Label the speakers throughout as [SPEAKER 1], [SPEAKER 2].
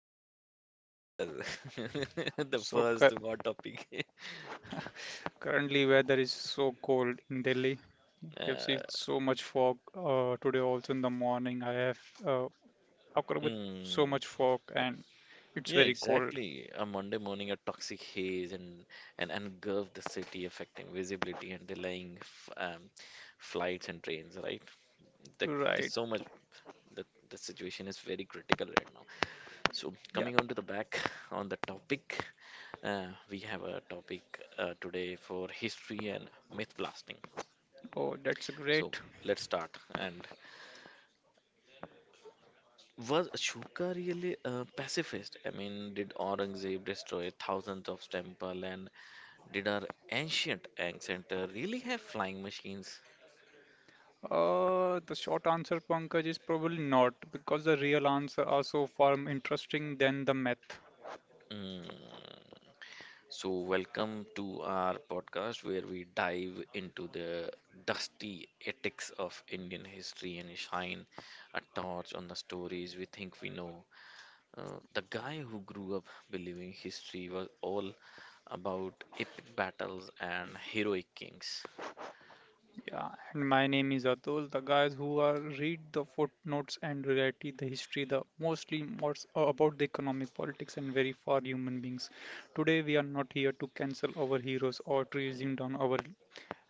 [SPEAKER 1] So, how
[SPEAKER 2] Pankaj,
[SPEAKER 1] about the
[SPEAKER 2] let
[SPEAKER 1] weather? The
[SPEAKER 2] so cu-
[SPEAKER 1] first hot topic.
[SPEAKER 2] currently weather is so cold in Delhi. We have seen
[SPEAKER 1] Uh,
[SPEAKER 2] so much fog today also in the morning. I have uh, occurred with so
[SPEAKER 1] mm.
[SPEAKER 2] much fog and it's
[SPEAKER 1] Yeah,
[SPEAKER 2] very cold.
[SPEAKER 1] exactly. A Monday morning, a toxic haze and engulfed the city, affecting visibility and delaying f flights and trains. Right? The, there's
[SPEAKER 2] Right.
[SPEAKER 1] so much. The situation is very critical right now. So
[SPEAKER 2] Yeah.
[SPEAKER 1] coming on to the back on the topic, we have a topic today for history and myth blasting.
[SPEAKER 2] Oh, that's
[SPEAKER 1] So
[SPEAKER 2] great.
[SPEAKER 1] let's start. And was Ashoka really a pacifist? I mean, did Aurangzeb destroy thousands of temple and did our ancient egg center really have flying machines?
[SPEAKER 2] The short answer, Pankaj, is probably not because the real answer are so far more interesting than the math.
[SPEAKER 1] Mm. So, welcome to our podcast where we dive into the dusty ethics of Indian history and shine a torch on the stories we think we know. The guy who grew up believing history was all about epic battles and heroic kings.
[SPEAKER 2] Yeah, and my name is Atul, the guys who are read the footnotes and reality, the history, the mostly more about the economic politics and very far human beings. Today we are not here to cancel our heroes or to reason down our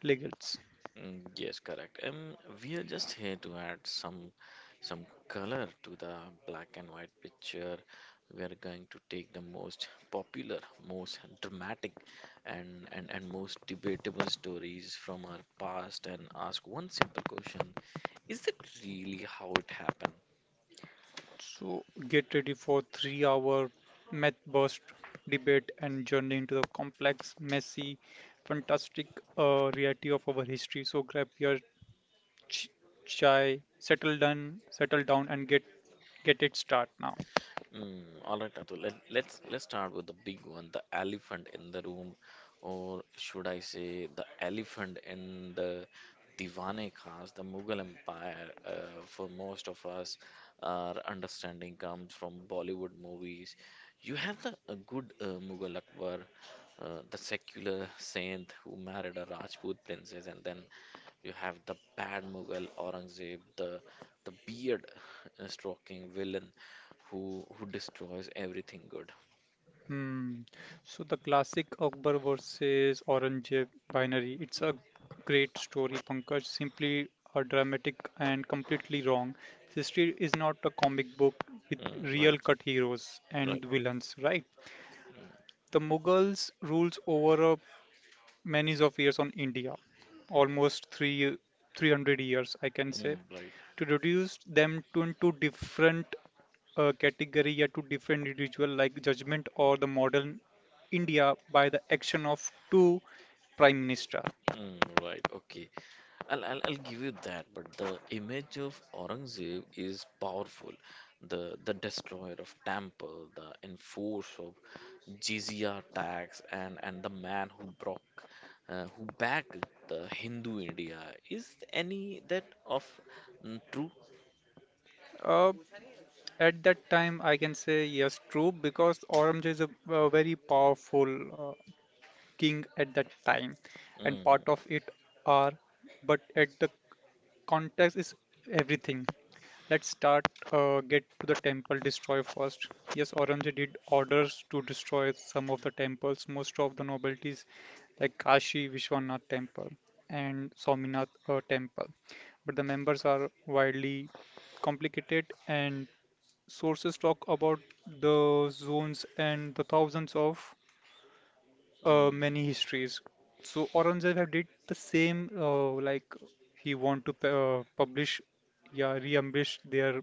[SPEAKER 2] legates.
[SPEAKER 1] Yes, correct. We are just here to add some color to the black and white picture. We are going to take the most popular, most dramatic, and most debatable stories from our past and ask one simple question: is that really how it happened?
[SPEAKER 2] So get ready for 3 hour math burst debate and journey into the complex, messy, fantastic reality of our history. So grab your ch- chai, settle down and get it start now.
[SPEAKER 1] All right, Atul. Let's start with the big one, the elephant in the room, or should I say, the elephant in the Diwane Khas, the Mughal Empire. For most of us, our understanding comes from Bollywood movies. You have the a good Mughal Akbar, the secular saint who married a Rajput princess, and then you have the bad Mughal Aurangzeb, the beard stroking villain who destroys everything good.
[SPEAKER 2] Hmm. So the classic Akbar versus Aurangzeb binary. It's a great story, Pankaj. Simply a dramatic and completely wrong. History is not a comic book with
[SPEAKER 1] Mm,
[SPEAKER 2] real
[SPEAKER 1] right,
[SPEAKER 2] cut heroes
[SPEAKER 1] right,
[SPEAKER 2] and villains, right? The Mughals rules over a many of years on India, almost three 300 years, I can
[SPEAKER 1] mm,
[SPEAKER 2] say,
[SPEAKER 1] right,
[SPEAKER 2] to reduce them to into different category or to different individual like judgment or the modern India by the action of two prime minister.
[SPEAKER 1] right. Okay, I'll give you that. But the image of Aurangzeb is powerful. The destroyer of temple, the enforcer of jizya tax, and the man who broke, who backed the Hindu India. Is any that of true?
[SPEAKER 2] Uh, at that time, I can say yes, true, because Aurangzeb is a very powerful king at that time and
[SPEAKER 1] Mm,
[SPEAKER 2] part of it are but at the context is everything. Let's start get to the temple destroy first. Yes, aurangzeb did orders to destroy some of the temples, most of the nobilities like Kashi Vishwanath temple and Swaminath temple, but the members are widely complicated and sources talk about the zones and the thousands of many
[SPEAKER 1] mm,
[SPEAKER 2] histories. So Aurangzeb have did the same, like he want to publish, yeah, re-embellish their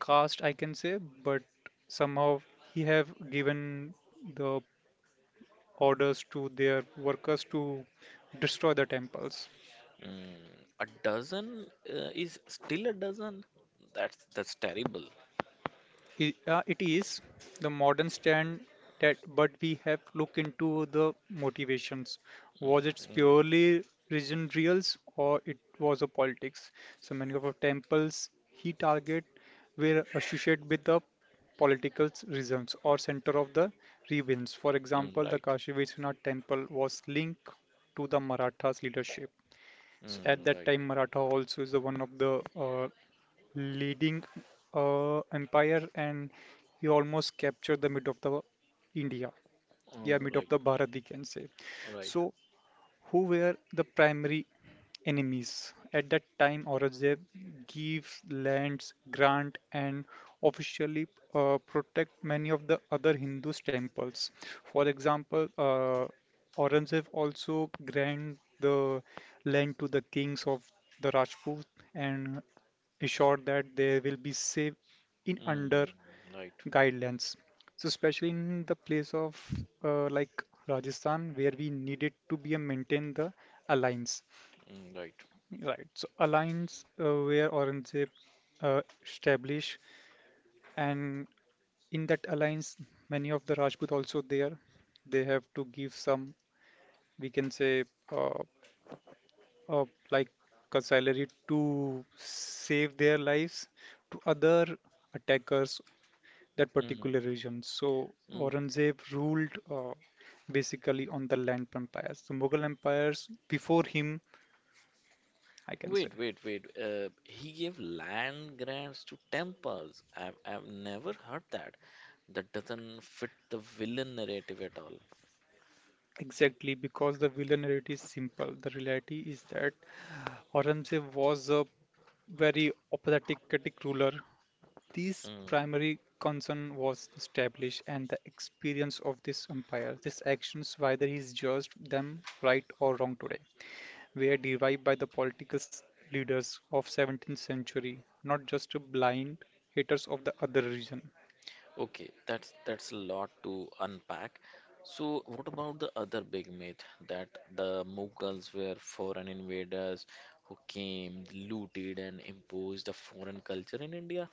[SPEAKER 2] caste, I can say, but somehow he have given the orders to their workers to destroy the temples.
[SPEAKER 1] mm. A dozen is still a dozen. That's terrible.
[SPEAKER 2] I- It is the modern stand that, but we have looked into the motivations.
[SPEAKER 1] Mm,
[SPEAKER 2] Was it
[SPEAKER 1] mm,
[SPEAKER 2] purely religion reals or it was a politics? So many of the temples he target were associated with the political reasons or center of the rebellions. For
[SPEAKER 1] mm,
[SPEAKER 2] example, the
[SPEAKER 1] right.
[SPEAKER 2] Kashi Vishwanath temple was linked to the Marathas leadership. So
[SPEAKER 1] Mm,
[SPEAKER 2] at that
[SPEAKER 1] right.
[SPEAKER 2] time, Maratha also is the one of the leading empire, and he almost captured the mid of the India. Yeah,
[SPEAKER 1] Oh,
[SPEAKER 2] mid of
[SPEAKER 1] right.
[SPEAKER 2] the Bharat, we can say.
[SPEAKER 1] Right.
[SPEAKER 2] So who were the primary enemies? At that time, Aurangzeb gives lands, grant, and officially protect many of the other Hindu temples. For example, Aurangzeb also grant the land to the kings of the Rajput and assured that they will be safe in under
[SPEAKER 1] Mm, right.
[SPEAKER 2] guidelines. So especially in the place of like Rajasthan, where we needed to be a maintain the alliance,
[SPEAKER 1] Mm, right.
[SPEAKER 2] right? So alliance where Aurangzeb established, and in that alliance, many of the Rajput also there. They have to give some, we can say, uh, uh, like a salary to save their lives to other attackers that
[SPEAKER 1] Mm,
[SPEAKER 2] particular region. So
[SPEAKER 1] mm.
[SPEAKER 2] Aurangzeb ruled basically on the land empires. The Mughal empires before him, I can say.
[SPEAKER 1] Wait, wait, wait. He gave land grants to temples. I've never heard that. That doesn't fit the villain narrative at all.
[SPEAKER 2] Exactly, because the villain narrative is simple. The reality is that Aurangzeb was a very apathetic ruler. This
[SPEAKER 1] Mm-hmm.
[SPEAKER 2] primary concern was to establish and the experience of this empire. These actions, whether he's judged them right or wrong today, were derived by the political leaders of 17th century, not just blind haters of the other religion.
[SPEAKER 1] Okay, that's a lot to unpack. So, what about the other big myth that the Mughals were foreign invaders who came, looted, and imposed a foreign culture in India?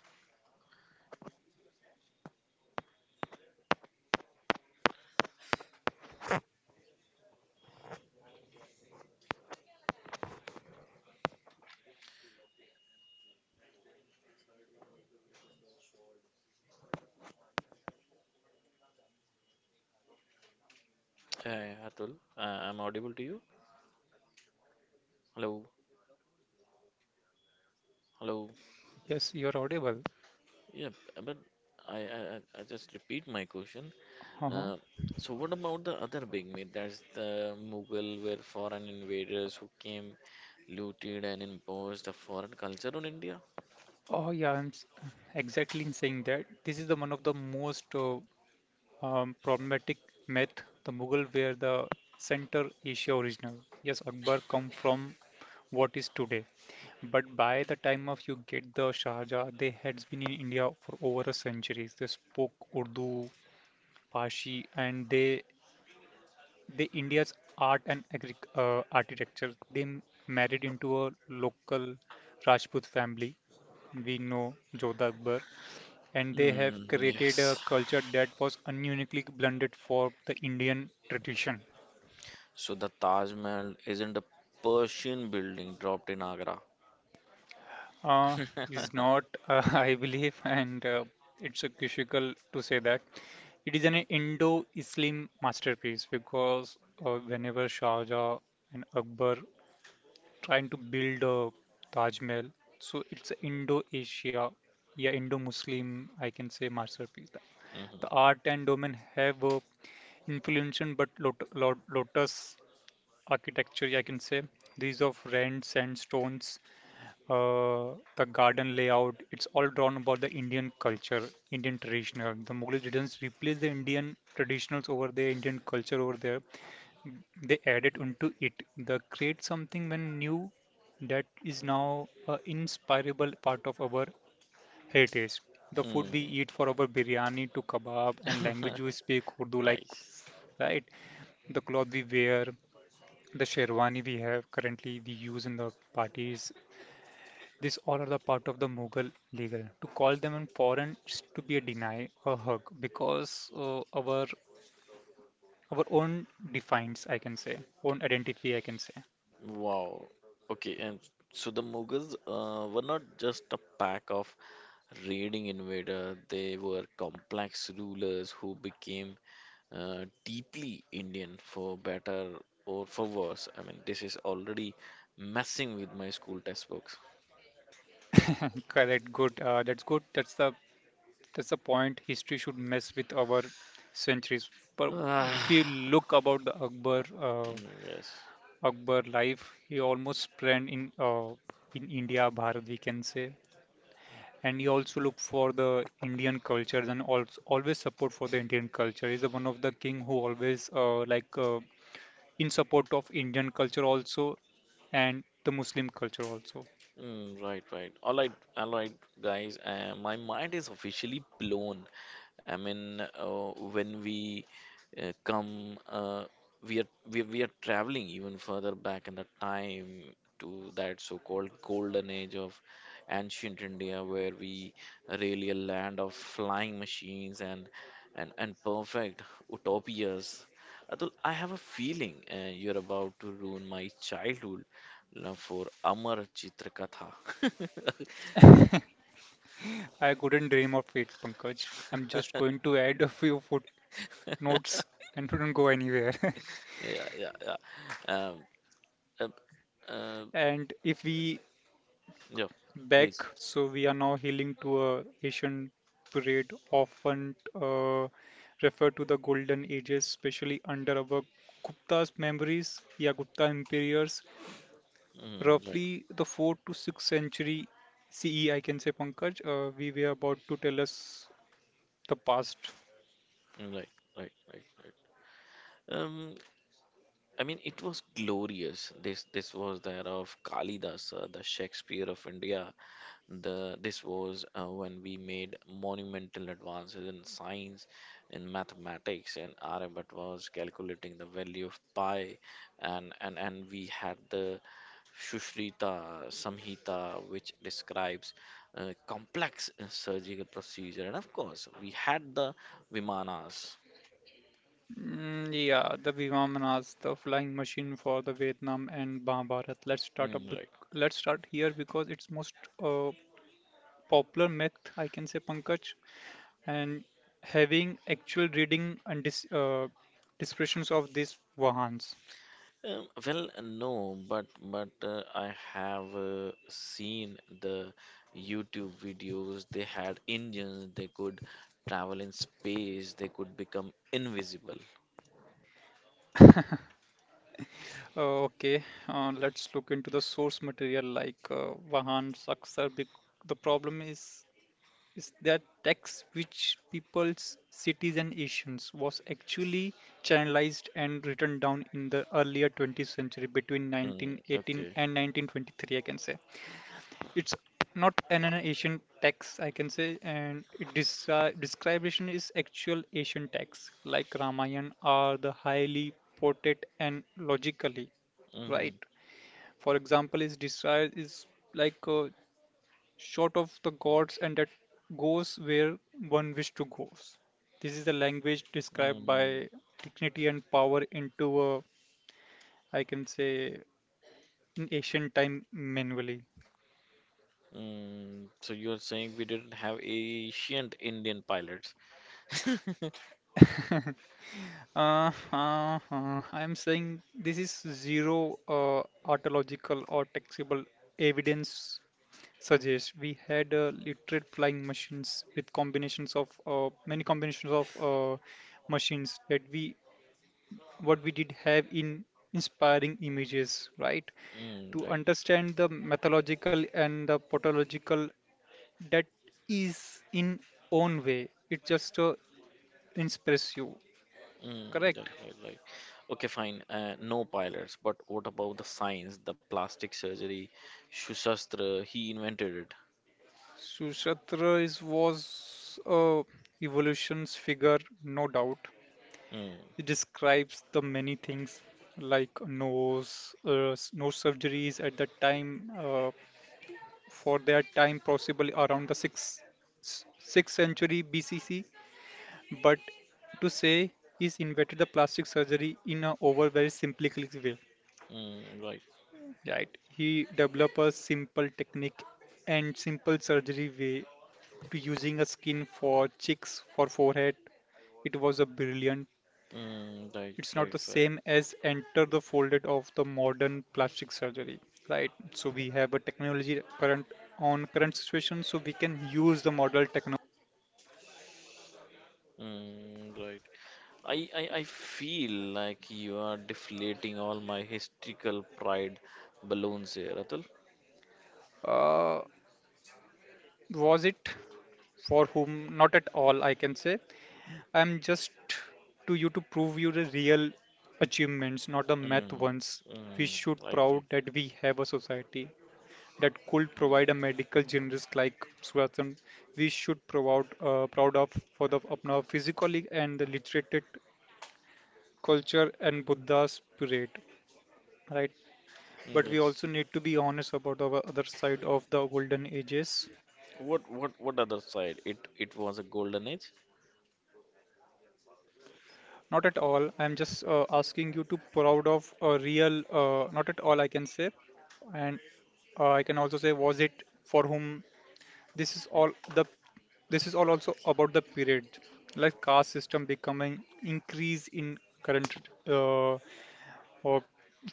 [SPEAKER 1] Hey, Atul, I'm audible to you? Hello, hello.
[SPEAKER 2] Yes, you're audible.
[SPEAKER 1] Yeah, but I just repeat my question.
[SPEAKER 2] Uh-huh.
[SPEAKER 1] Uh, so, what about the other big myth? That's the Mughal were foreign invaders who came, looted, and imposed a foreign culture on India?
[SPEAKER 2] Oh yeah, exactly in saying that. This is the one of the most problematic myth. The Mughal were the Central Asia original. Yes, Akbar come from what is today. But by the time of you get the Sharjah, they had been in India for over a century. They spoke Urdu, Parsi, and they the India's art and architecture. They married into a local Rajput family. We know Jodha Akbar, and they have created
[SPEAKER 1] Yes.
[SPEAKER 2] a culture that was uniquely blended for the Indian tradition.
[SPEAKER 1] So the Taj Mahal isn't a Persian building dropped in Agra.
[SPEAKER 2] Uh, is not, I believe, and it's a difficult to say that. It is an indo islam masterpiece because whenever Shah Jahan and Akbar trying to build a Taj Mahal. So it's a Indo-Asia, yeah, Indo-Muslim, I can say masterpiece. The
[SPEAKER 1] Mhm.
[SPEAKER 2] art and domain have a influenced but lotus architecture, I can say. These of red sandstones, the garden layout, it's all drawn about the Indian culture, Indian traditional. The Mughal didn't replace the Indian traditionals over there, Indian culture over there, they added onto it. They create something when new that is now an inspirable part of our heritage. The food
[SPEAKER 1] Mm.
[SPEAKER 2] we eat for our biryani to kebab and language we speak Urdu like
[SPEAKER 1] Nice.
[SPEAKER 2] right. The cloth we wear, the sherwani we have currently we use in the parties. These all are the part of the Mughal legal. To call them in foreign is to be a deny a hug because our own defines I can say own identity I can say.
[SPEAKER 1] Wow. Okay, and so the Mughals were not just a pack of raiding invaders, they were complex rulers who became deeply Indian for better or for worse. I mean, this is already messing with my school textbooks.
[SPEAKER 2] Correct. Good. That's good. That's the point. History should mess with our centuries. But if you
[SPEAKER 1] Ah,
[SPEAKER 2] look about the Akbar uh,
[SPEAKER 1] Yes.
[SPEAKER 2] Akbar life, he almost spent in India, Bharat, we can say. And he also looked for the Indian cultures and also always support for the Indian culture. He's the one of the king who always in support of Indian culture also and the Muslim culture also.
[SPEAKER 1] Right. All right, guys. My mind is officially blown. I mean, when we come, we are we are traveling even further back in the time to that so-called golden age of ancient India, where we really a land of flying machines and perfect utopias. Atul, I have a feeling you're about to ruin my childhood love for Amar Chitrakatha.
[SPEAKER 2] I couldn't dream of it, Pankaj. I'm just going to add a few footnotes and don't go anywhere.
[SPEAKER 1] Yeah, yeah, yeah. Um, Uh, uh,
[SPEAKER 2] And if we
[SPEAKER 1] yeah,
[SPEAKER 2] back,
[SPEAKER 1] please.
[SPEAKER 2] so we are now healing to a Asian period, often referred to the Golden Ages, especially under our Gupta's memories, yeah, Gupta empires,
[SPEAKER 1] Mm, right,
[SPEAKER 2] roughly the 4th to 6th century CE, I can say, Pankaj. We were about to tell us the past.
[SPEAKER 1] mm, right, right, right, right. I mean, it was glorious. This was that of Kalidas, the Shakespeare of India. This was when we made monumental advances in science, in mathematics, and Aryabhatta was calculating the value of pi, and, we had the Sushruta Samhita, which describes complex surgical procedure, and of course, we had the Vimanas.
[SPEAKER 2] Mm, yeah, the Vivamanas, the flying machine for the Vietnam and Mahabharat.
[SPEAKER 1] Mm, right.
[SPEAKER 2] Let's start here because it's most uh, popular myth, I can say, Pankaj, and having actual reading and descriptions of these Vahans.
[SPEAKER 1] Well, no, but I have seen the YouTube videos. They had engines. They could travel in space. They could become invisible.
[SPEAKER 2] Okay, let's look into the source material like Vahan Saksar. The problem is that tax which people's cities and nations was actually channelized and written down in the earlier 20th century between
[SPEAKER 1] Mm,
[SPEAKER 2] 1918
[SPEAKER 1] okay.
[SPEAKER 2] and 1923 I can say it's not an asian tax I can say and it description is actual asian tax like ramayan are the highly ported and logically
[SPEAKER 1] hmm
[SPEAKER 2] right. For example is desire is like short of the gods and that goes where one wishes to go. This is the language described
[SPEAKER 1] Mm,
[SPEAKER 2] by dignity and power into a, I can say, in ancient time manually.
[SPEAKER 1] mm. So you're saying we didn't have ancient Indian pilots?
[SPEAKER 2] uh, I'm saying this is zero archaeological or taxable evidence suggests we had literate flying machines with combinations of many combinations of machines that we what we did have in inspiring images, right?
[SPEAKER 1] Mm,
[SPEAKER 2] To
[SPEAKER 1] right.
[SPEAKER 2] understand the mythological and the pathological, that is in own way. It just inspires you,
[SPEAKER 1] Mm, right,
[SPEAKER 2] correct?
[SPEAKER 1] right, right. Okay, fine. No pilots, but what about the science, the plastic surgery, Shushastra? He invented it.
[SPEAKER 2] Sushatra is was a evolution's figure, no doubt.
[SPEAKER 1] Mm,
[SPEAKER 2] It describes the many things like nose surgeries at that time, for their time, possibly around the 6th, 6th century BCC. But to say he's invented the plastic surgery in a over very simplistic way.
[SPEAKER 1] mm, right.
[SPEAKER 2] Right. He developed a simple technique and simple surgery way to using a skin for cheeks, for forehead. It was a brilliant.
[SPEAKER 1] Mm, right,
[SPEAKER 2] It's not
[SPEAKER 1] right,
[SPEAKER 2] the
[SPEAKER 1] right.
[SPEAKER 2] same as enter the folded of the modern plastic surgery, right? So we have a technology current on current situation, so we can use the model technology.
[SPEAKER 1] Mm, right. I, I feel like you are deflating all my historical pride balloons here, Atul.
[SPEAKER 2] Uh, was it for whom? Not at all, I can say. I'm just to you to prove you the real achievements, not the math
[SPEAKER 1] Mm,
[SPEAKER 2] ones. We
[SPEAKER 1] mm,
[SPEAKER 2] should
[SPEAKER 1] right,
[SPEAKER 2] proud
[SPEAKER 1] right.
[SPEAKER 2] that we have a society that could provide a medical generalist like Suratan. We should proud proud of for the apna physically and the literated culture and Buddha spirit, right? But we
[SPEAKER 1] Yes.
[SPEAKER 2] also need to be honest about our other side of the golden ages.
[SPEAKER 1] What, what other side? It was a golden age.
[SPEAKER 2] Not at all. I'm just asking you to proud of a real. Not at all, I can say, and I can also say, was it for whom? This is all the. This is all also about the period, like caste system becoming increase in current uh, or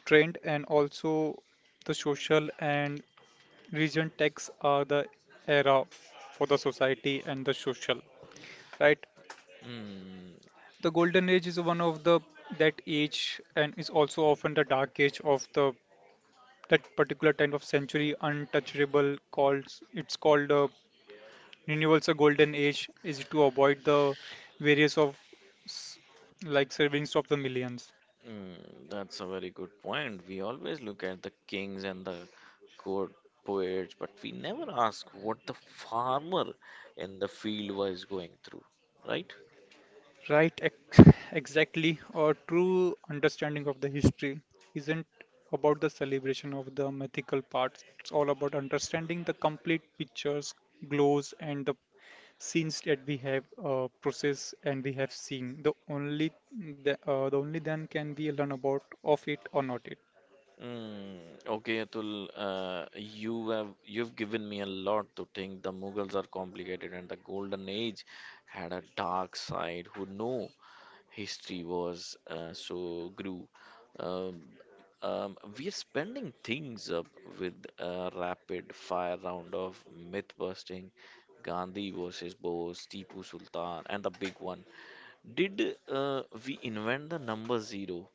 [SPEAKER 2] trend, and also the social and region texts are the era for the society and the social, right?
[SPEAKER 1] Mm,
[SPEAKER 2] The golden age is one of the that age and is also often the dark age of the that particular time of century untouchable calls it's called a universal golden age is to avoid the various of s- like servings of the millions.
[SPEAKER 1] mm, that's a very good point. We always look at the kings and the good poets, but we never ask what the farmer in the field was going through, right?
[SPEAKER 2] Right, exactly. A true understanding of the history isn't about the celebration of the mythical parts. It's all about understanding the complete pictures, glows, and the scenes that we have processed and we have seen. The only the only then can we learn about of it or not it.
[SPEAKER 1] Okay, Atul, you have you've given me a lot to think. The Mughals are complicated, and the Golden Age had a dark side. Who know? History was so grew. Um, we are spending things up with a rapid fire round of myth busting, Gandhi versus Bose, Tipu Sultan, and the big one. Did we invent the number zero?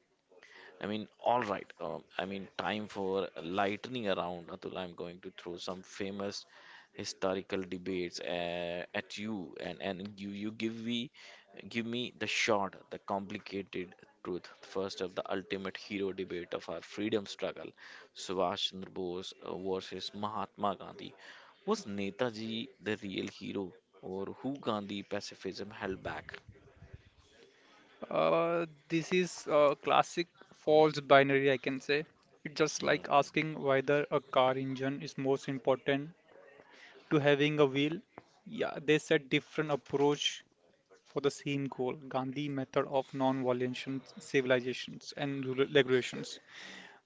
[SPEAKER 1] I mean, all right. I mean, time for lightning around. Atul, I'm going to throw some famous historical debates at you, and you give me the short, the complicated truth. First of the ultimate hero debate of our freedom struggle, Subhash Chandra Bose versus Mahatma Gandhi. Was Netaji the real hero, or who Gandhi pacifism held back?
[SPEAKER 2] This is a classic false binary, I can say. It's just like
[SPEAKER 1] Mm,
[SPEAKER 2] asking whether a car engine is most important to having a wheel, yeah, they set different approach for the same goal. Gandhi method of non-violent civilizations and regulations.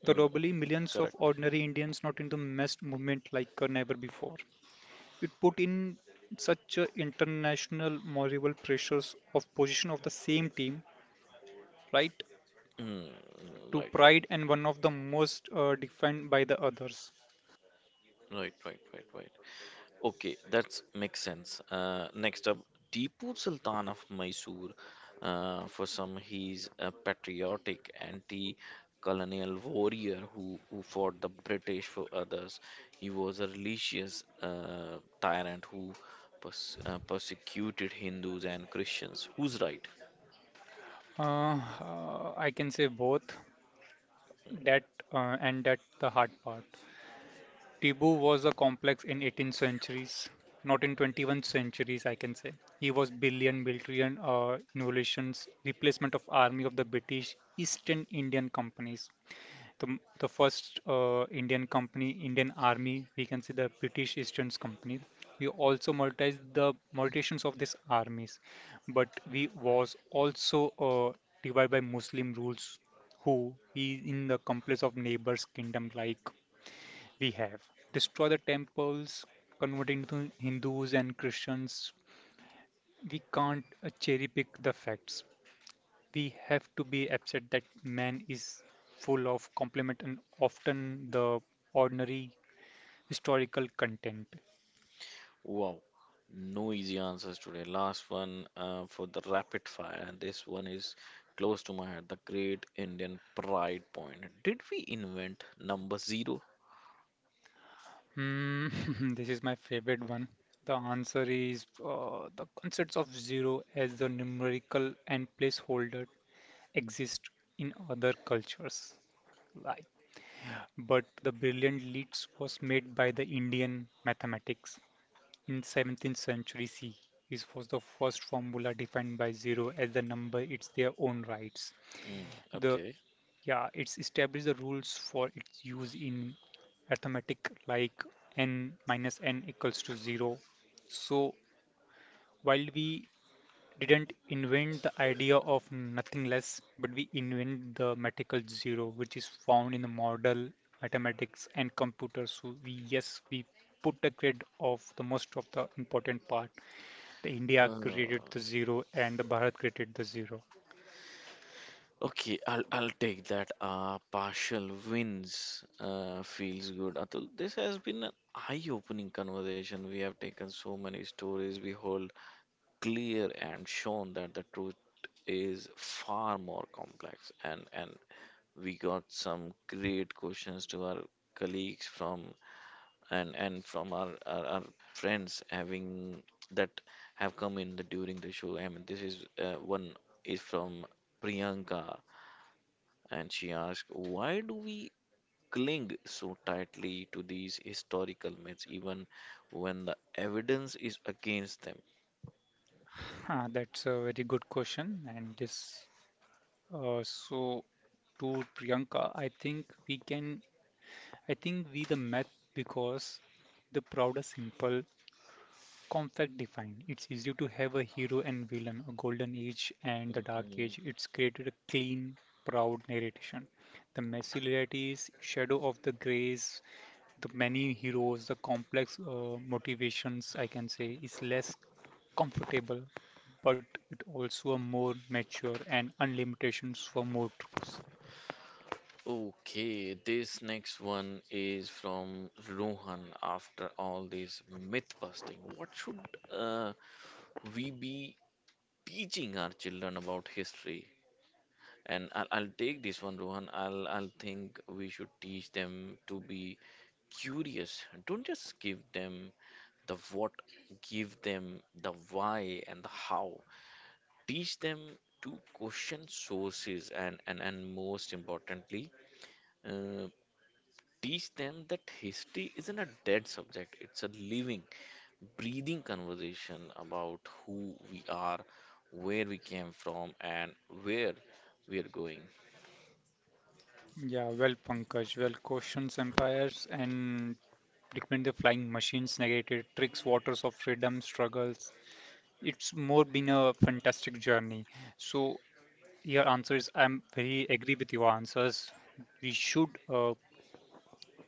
[SPEAKER 2] The
[SPEAKER 1] mm,
[SPEAKER 2] globally millions of
[SPEAKER 1] correct.
[SPEAKER 2] ordinary Indians not in the mass movement like never before. It put in such a international moral pressures of position of the same team, right?
[SPEAKER 1] Mm, mm,
[SPEAKER 2] To
[SPEAKER 1] right, right.
[SPEAKER 2] pride and one of the most defined by the others.
[SPEAKER 1] Right, right, right, right. Okay, that makes sense. Next up, Tipu Sultan of Mysore. For some, he's a patriotic anti-colonial warrior who, fought the British for others. He was a religious tyrant who persecuted Hindus and Christians. Who's right?
[SPEAKER 2] I can say both that and that the hard part. Tibu was a complex in 18th centuries, not in 21st centuries, I can say. He was billion military innovations, replacement of army of the British East Indian companies. The first Indian company, Indian army, we can see the British East company. We also monetized the mutations of these armies, but we was also divided by Muslim rules, who is in the complex of neighbors' kingdom like. We have destroyed the temples, converted to Hindus and Christians. We can't cherry pick the facts. We have to be upset that man is full of compliment and often the ordinary historical content.
[SPEAKER 1] Wow, no easy answers today. Last one for the rapid fire, and this one is close to my heart. The Great Indian Pride Point. Did we invent number zero?
[SPEAKER 2] Hmm, this is my favorite one. The answer is the concepts of zero as the numerical and placeholder exist in other cultures. Like. But the brilliant leads was made by the Indian mathematics. In 17th century C, E, this was the first formula defined by zero as the number it's their own rights.
[SPEAKER 1] Hmm,
[SPEAKER 2] The
[SPEAKER 1] okay.
[SPEAKER 2] yeah, it's established the rules for its use in arithmetic like n minus n equals to zero. So while we didn't invent the idea of nothingness, but we invent the mathematical zero, which is found in the model mathematics and computers. So we yes, we put the grid of the most of the important part. The India
[SPEAKER 1] Uh,
[SPEAKER 2] created the zero and the Bharat created the zero.
[SPEAKER 1] okay, I'll take that. Partial wins feels good. Atul, this has been an eye-opening conversation. We have taken so many stories we hold clear and shown that the truth is far more complex and we got some great questions to our colleagues from and from our, our friends having that have come in the, during the show. I mean, this is one is from Priyanka, and she asked, "Why do we cling so tightly to these historical myths, even when the evidence is against them?"
[SPEAKER 2] Ah, that's a very good question. And this uh, so to Priyanka, I think we can I think we the math because the proud is simple. Conflict defined. It's easy to have a hero and villain, a golden age and the dark age.
[SPEAKER 1] Mm-hmm.
[SPEAKER 2] It's created a clean, proud narration. The messy realities, shadow of the grays, the many heroes, the complex motivations, I can say, is less comfortable, but it also a more mature and unlimitations for more truths.
[SPEAKER 1] Okay, this next one is from Rohan. After all this myth busting, what should uh, we be teaching our children about history? And I'll take this one, Rohan. I'll think we should teach them to be curious. Don't just give them the what, give them the why and the how. Teach them to question sources and most importantly, uh, teach them that history isn't a dead subject, it's a living, breathing conversation about who we are, where we came from, and where we are going.
[SPEAKER 2] Yeah, well, Pankaj, well, questions, empires, and recommend the flying machines, negated tricks, waters of freedom, struggles, it's more been a fantastic journey. So your answer is I'm very agree with your answers. We should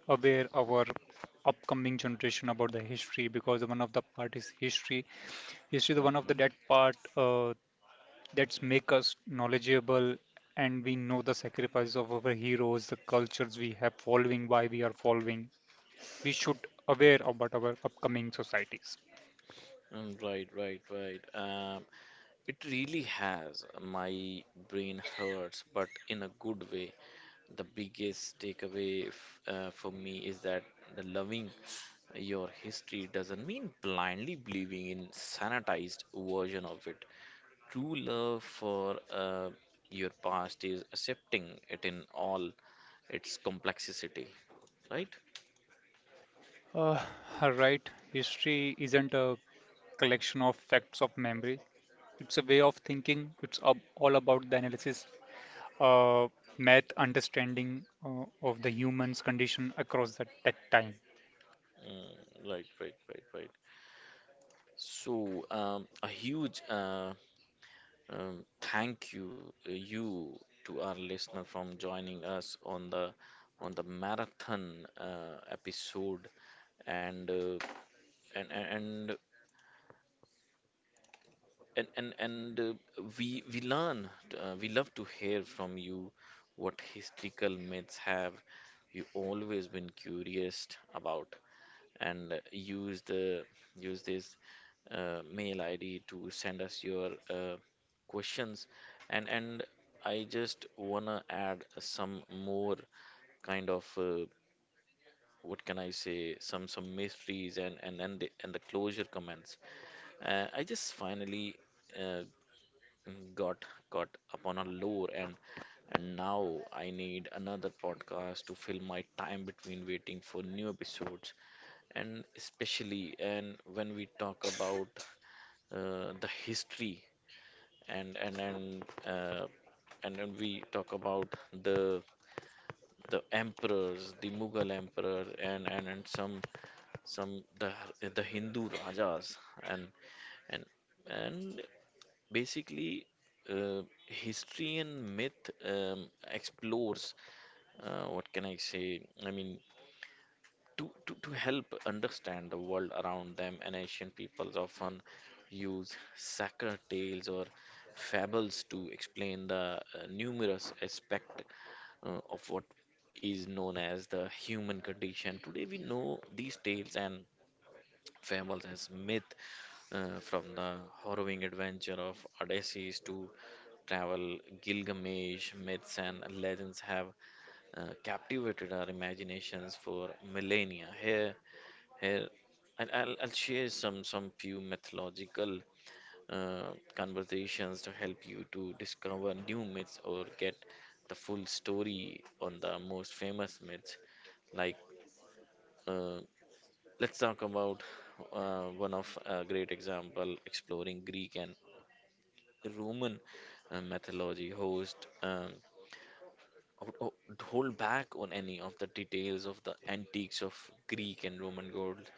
[SPEAKER 2] aware our upcoming generation about the history because one of the part is history. History the one of the that
[SPEAKER 1] Mhm.
[SPEAKER 2] part that's make us knowledgeable and we know the sacrifices of our heroes, the cultures we have following, why we are following. We should aware about our upcoming societies.
[SPEAKER 1] Right, right, right. It really has. My brain hurts, but in a good way. The biggest takeaway f for me is that the loving your history doesn't mean blindly believing in sanitized version of it. True love for your past is accepting it in all its complexity, right?
[SPEAKER 2] Uh, right, history isn't a collection of facts of memory. It's a way of thinking. It's all about the analysis, uh, math, understanding of the human's condition across that time.
[SPEAKER 1] Mm, right, right, right, right. So, a huge thank you, uh, you to our listener from joining us on the marathon episode, and uh, and and and and we learn we love to hear from you. What historical myths have you always been curious about? And use the use this mail id to send us your questions, and I just wanna add some more kind of what can I say some mysteries and and the closure comments. I just finally uh, got caught upon a lure, and now I need another podcast to fill my time between waiting for new episodes, and especially and when we talk about the history, and and then we talk about the emperors, the Mughal emperors, and and some some the the Hindu rajas, and and and basically, history and myth explores, what can I say? I mean, to help understand the world around them, and ancient peoples often use sacker tales or fables to explain the numerous aspect of what is known as the human condition. Today, we know these tales and famous as myth from the harrowing adventure of Odysseus to travel Gilgamesh. Myths and legends have captivated our imaginations for millennia. Here, here, and I'll share some few mythological conversations to help you to discover new myths or get the full story on the most famous myths like. Uh, Let's talk about one of a great example exploring Greek and Roman mythology. Host ho- ho- hold back on any of the details of the antiques of Greek and Roman gold.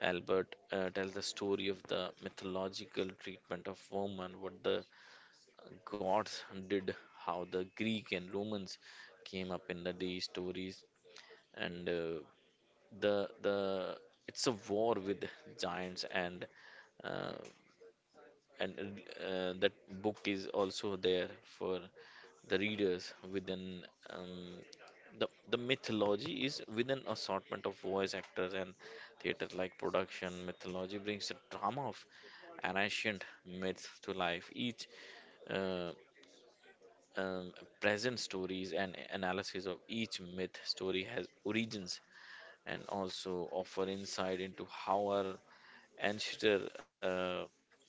[SPEAKER 1] Albert tells the story of the mythological treatment of woman, what the gods did, how the Greek and Romans came up in the day stories, and the it's a war with giants and uh, and that book is also there for the readers within um, the mythology is within assortment of voice actors and theater like production mythology brings the drama of an ancient myth to life each uh, um, present stories and analysis of each myth story has origins and also offer insight into how our ancestor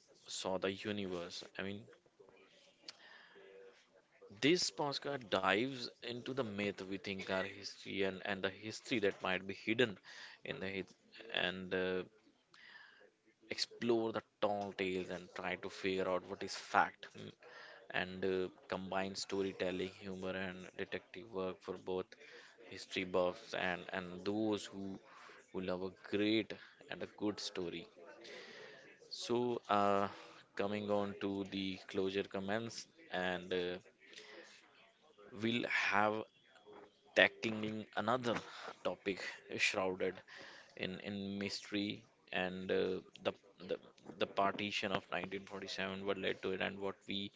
[SPEAKER 1] saw the universe. I mean, this podcast dives into the myth we think are history, and, the history that might be hidden in the his- and explore the tall tales and try to figure out what is fact, mm, and combine storytelling, humor, and detective work for both history buffs, and, those who love a great and a good story. So, coming on to the closure comments, and we'll have tackling another topic shrouded in mystery, and the the partition of 1947, what led to it, and what we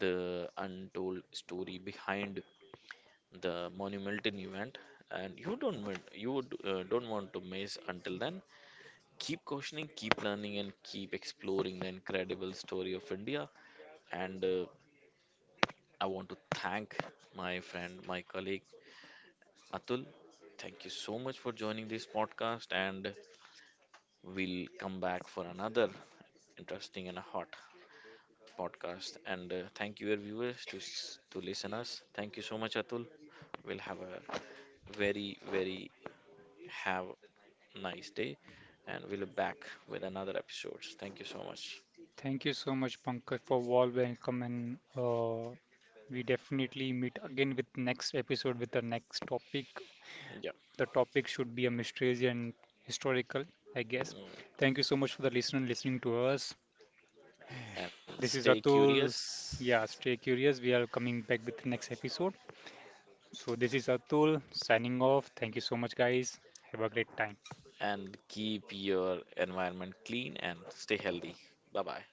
[SPEAKER 1] the untold story behind the monumental event. And you don't want- you would, don't want to miss until then. Keep questioning, keep learning, and keep exploring the incredible story of India. And I want to thank my friend, my colleague Atul. Thank you so much for joining this podcast. And we'll come back for another interesting and a hot podcast. And thank you, your viewers, to, to listen us. Thank you so much, Atul. We'll have a very, very have nice day. And we'll be back with another episodes. Thank you so much.
[SPEAKER 2] Thank you so much, Pankaj, for warm welcome, and we definitely meet again with next episode with the next topic.
[SPEAKER 1] Yeah.
[SPEAKER 2] The topic should be a mysteries and historical, I guess.
[SPEAKER 1] Mm,
[SPEAKER 2] Thank you so much for the listener listening to us.
[SPEAKER 1] and
[SPEAKER 2] This
[SPEAKER 1] stay
[SPEAKER 2] is Atul.
[SPEAKER 1] curious.
[SPEAKER 2] Yeah, stay curious. We are coming back with the next episode. So, this is Atul signing off. Thank you so much, guys. Have a great time.
[SPEAKER 1] And keep your environment clean and stay healthy. Bye bye.